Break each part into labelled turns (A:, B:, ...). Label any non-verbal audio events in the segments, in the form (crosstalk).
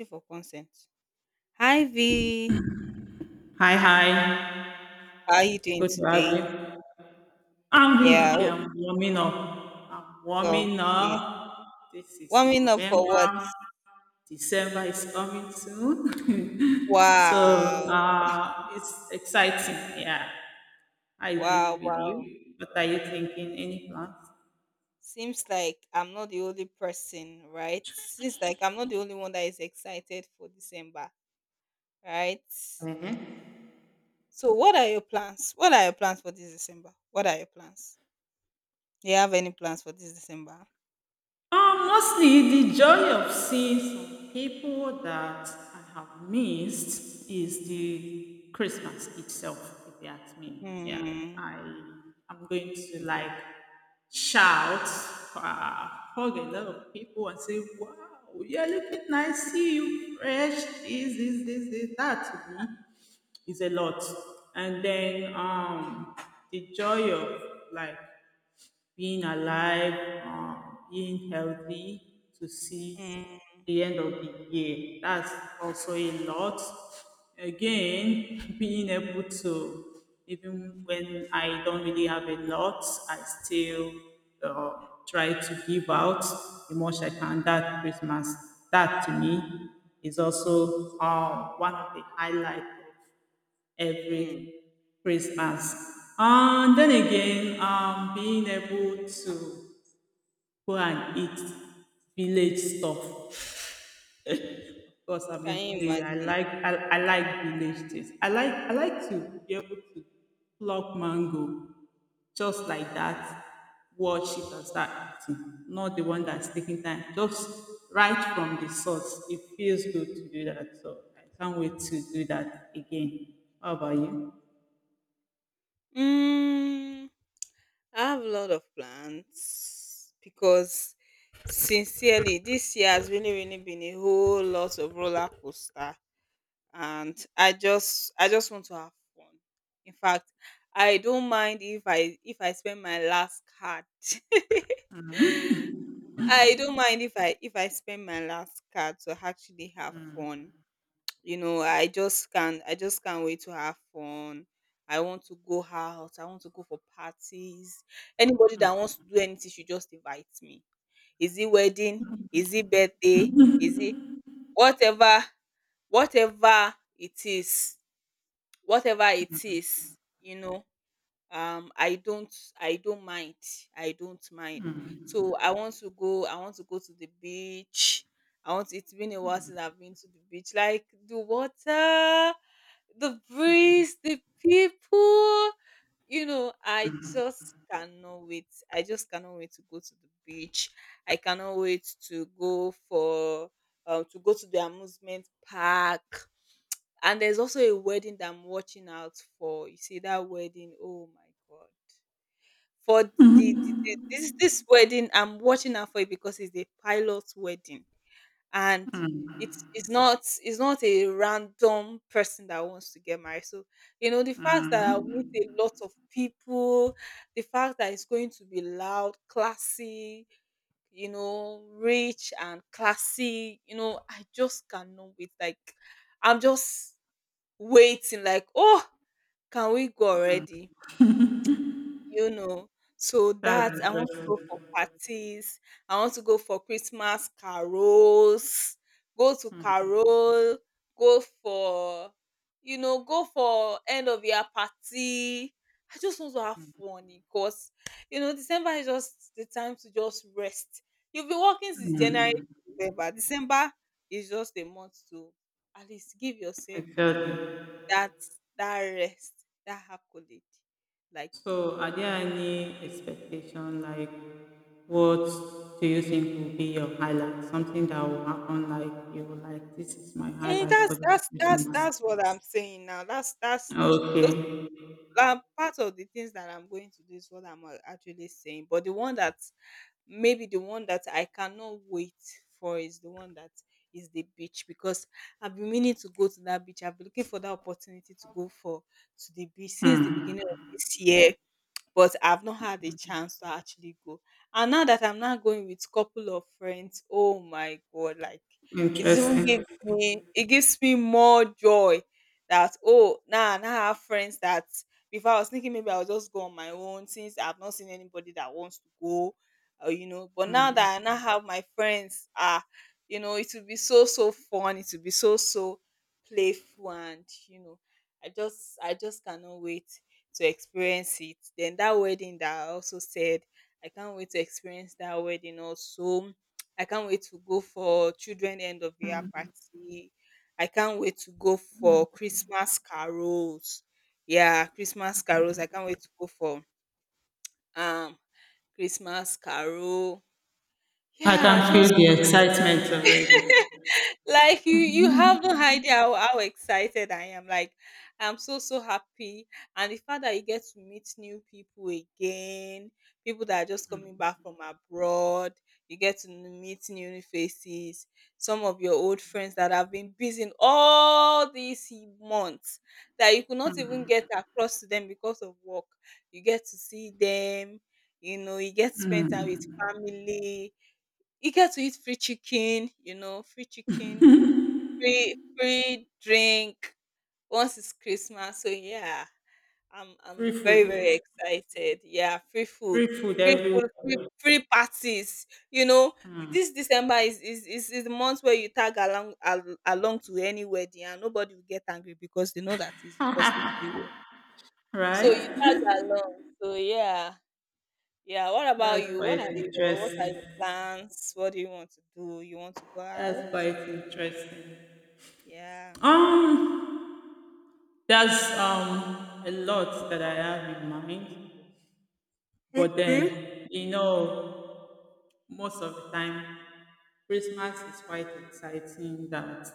A: You for consent. Hi V,
B: Hi, hi.
A: how are you doing
B: Good to have
A: today?
B: you. I'm doing
A: Yeah,
B: okay.
A: o-
B: I'm warming up. I'm warming
A: okay.
B: up. This is
A: Warming up for what?
B: November. December is coming soon. (laughs) so
A: Wow,
B: uh, it's exciting. Yeah. I
A: wow,
B: agree with
A: wow.
B: you. What are you thinking? Any plans?
A: Seems like I'm not the only person, right? Seems like I'm not the only one that is excited for December, right?
B: Uh-huh.
A: So, what are your plans? What are your plans for this December? What are your plans? Do you have any plans for this December?
B: Mostly the joy of seeing some people that I have missed is the Christmas itself, if you ask me. Yeah,
A: Hmm.
B: I am going to shout, uh, hug a lot of people and say, wow, you're looking nice, see you fresh, this, this, this, this. That to me is a lot. And then the joy of like being alive, being healthy to see
A: Hmm.
B: the end of the year. That's also a lot. Again, (laughs) being able to, even when I don't really have a lot, I still uh, try to give out the much I can that Christmas. That to me is also one of the highlights
A: Hmm.
B: every Christmas. And then again, being able to go and eat village stuff because I'm
A: Can
B: a
A: you
B: village. I
A: imagine?
B: like I, I like village things. I like to be able to pluck mango just like that. Watch it and start eating. Not the one that's taking time. Just right from the source. It feels good to do that. So I can't wait to do that again. How about you?
A: Hmm. I have a lot of plans because sincerely this year has really really been a whole lot of roller coaster, and I just want to have fun. In fact, I don't mind if I spend my last card. (laughs) I don't mind if I spend my last card to actually have fun. You know, I just can't wait to have fun. I want to go out. I want to go for parties. Anybody that wants to do anything should just invite me. Is it wedding? Is it birthday? Is it whatever, whatever it is, whatever it is. um i don't I don't mind, I don't mind. So I want to go, I want to go to the beach. I want, it's been a while since I've been to the beach. Like the water, the breeze, the people, you know, I just cannot wait. I just cannot wait to go to the beach. I cannot wait to go for to go to the amusement park. And there's also a wedding that I'm watching out for. You see that wedding? Oh my god! For the this wedding, I'm watching out for it because it's a pilot wedding, and it's not a random person that wants to get married. So you know the fact that I'll meet a lot of people, the fact that it's going to be loud, classy, you know, rich and classy. You know, I just cannot wait. Like I'm just waiting. Like, oh, can we go already? You know. So
B: That's
A: that, I want to go
B: interesting.
A: for parties. I want to go for Christmas carols, go to carol, go for, you know, go for end of year party. I just want to have fun because you know December is just the time to just rest. You've been working since January to November. December is just a month to at least give yourself
B: Exactly.
A: that, that rest, that accolade. Like,
B: So, are there any expectation like what do you think will be your highlight? Something that will happen like you will like this is my
A: eh,
B: highlight for
A: that's
B: this
A: that's that's
B: Christmas.
A: that's what I'm saying now. That's those
B: Okay,
A: part of the things that I'm going to do is what I'm actually saying. But the one that, maybe the one that I cannot wait for, is the one that is the beach because I've been meaning to go to that beach. I've been looking for that opportunity to go for, to the beach since the beginning of this year, but I've not had a chance to actually go. And now that I'm now going with couple of friends, oh my god, like it is even
B: interesting.
A: gives me more joy that, oh, now I have friends, that before I was thinking maybe I'll just go on my own since I've not seen anybody that wants to go, or you know. But now that I now have my friends, ah, you know, it will be so so fun. It will be so so playful, and you know, I just cannot wait to experience it. Then that wedding that I also said, I can't wait to experience that wedding also. I can't wait to go for children end of year party. I can't wait to go for Christmas carols. Yeah, Christmas carols. I can't wait to go for um Christmas carol.
B: I
A: Yeah,
B: can
A: just
B: feel the excitement already.
A: like, you have no idea how excited I am. Like I'm so so happy, and the fact that you get to meet new people again, people that are just coming back from abroad, you get to meet new faces, some of your old friends that have been busy in all these months that you could not even get across to them because of work, you get to see them, you know, you get to spend time with family, you get to eat free chicken, you know, free chicken, free, free drink once it's Christmas. So yeah, I'm
B: Free
A: I'm very very
B: food,
A: excited. Yeah, free
B: free
A: food,
B: food
A: free
B: everywhere,
A: food, free, free parties. You know, this December is the month where you tag along along to any wedding and nobody will get angry because they know that is the festive period. So you tag
B: right?
A: along. So yeah. Yeah, what
B: (laughs)
A: about
B: That's
A: you? What
B: quite
A: are the what are
B: interesting.
A: your plans? What do you want to do? You want to go out?
B: That's quite interesting.
A: Yeah.
B: Um, That's a lot that I have in mind. But
A: Okay.
B: then, you know, most of the time, Christmas is quite exciting that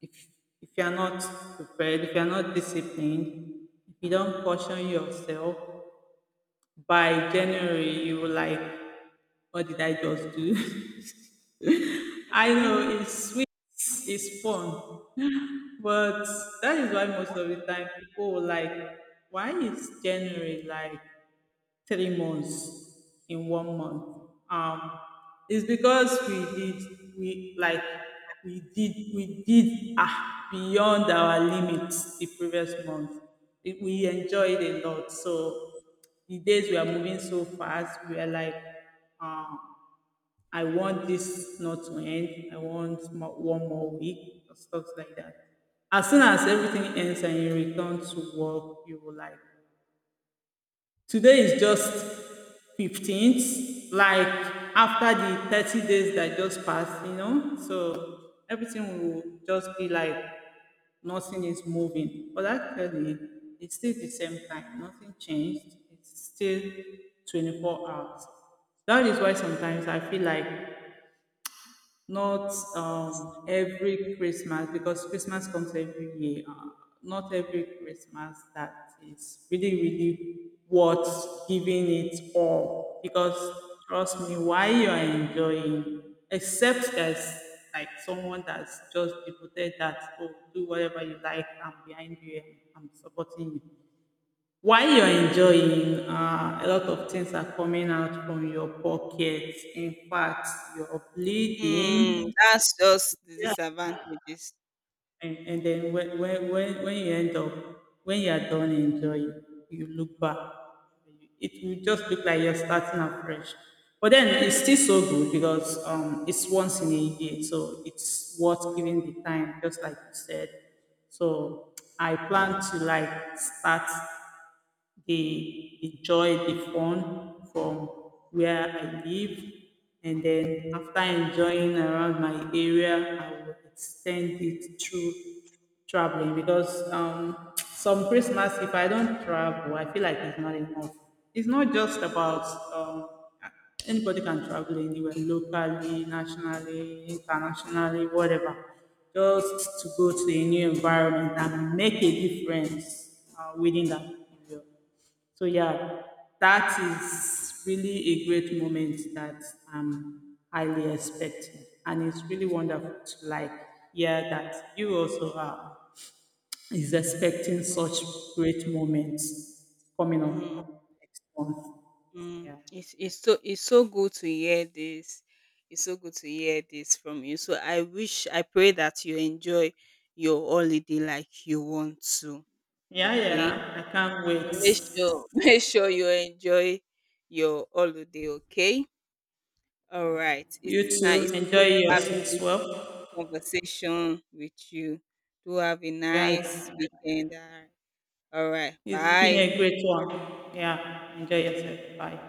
B: if, if you're not prepared, if you're not disciplined, if you don't caution yourself, by January, you were like, what did I just do? (laughs) I know
A: (laughs)
B: it's sweet, it's fun, but that is why most of the time people were like, why is January like 3 months in one month. Um, it's because we did we like we did ah beyond our limits the previous month. It, we enjoyed a lot. So the days we are moving so fast, we are like, um, I want this not to end. I want one more week or stuff like that. As soon as everything ends and you return to work, you will like today is just 15th, like after the 30 days that just passed, you know? So everything will just be like nothing is moving. But actually, it's still the same time. Nothing changed. It's still 24 hours. That is why sometimes I feel like not every Christmas because Christmas comes every year. Not every Christmas that is really, really worth giving it all. Because trust me, while you are enjoying, except there's like someone that's just devoted that oh do whatever you like, I'm behind you, and I'm supporting you. While you're enjoying, a lot of things are coming out from your pockets. In fact, you're
A: Mm,
B: bleeding.
A: that's just the disadvantages.
B: And then when you end up, when you are done enjoying, you look back. It will just look like you're starting afresh. But then it's still so good because it's once in a year, so it's worth giving the time, just like you said. So I plan to like start the joy, the fun from where I live. And then after enjoying around my area, I will extend it through traveling because (tsk) some Christmas, if I don't travel, I feel like it's not enough. It's not just about um, anybody can travel anywhere, locally, nationally, internationally, whatever, just to go to a new environment and make a difference within that area. So yeah, that is really a great moment that I'm highly expecting. And it's really wonderful to like hear that you also are is expecting
A: Mm,
B: such great moments coming
A: mm,
B: up next month.
A: mm.
B: Yeah.
A: It's so good to hear this. It's so good to hear this from you. So I wish, I pray that you enjoy your holiday like you want to.
B: Yeah,
A: Okay.
B: yeah. I can't
A: So
B: wait.
A: make sure (laughs) make sure you enjoy your holiday. Okay. All
B: Yeah.
A: right.
B: You
A: It's nice. It's
B: too. Enjoy
A: good
B: yourself
A: having
B: as
A: this
B: well.
A: conversation with you. Do have a
B: Yeah.
A: nice weekend. All right.
B: It's been
A: Bye.
B: a great one. Yeah. Enjoy yourself. Bye.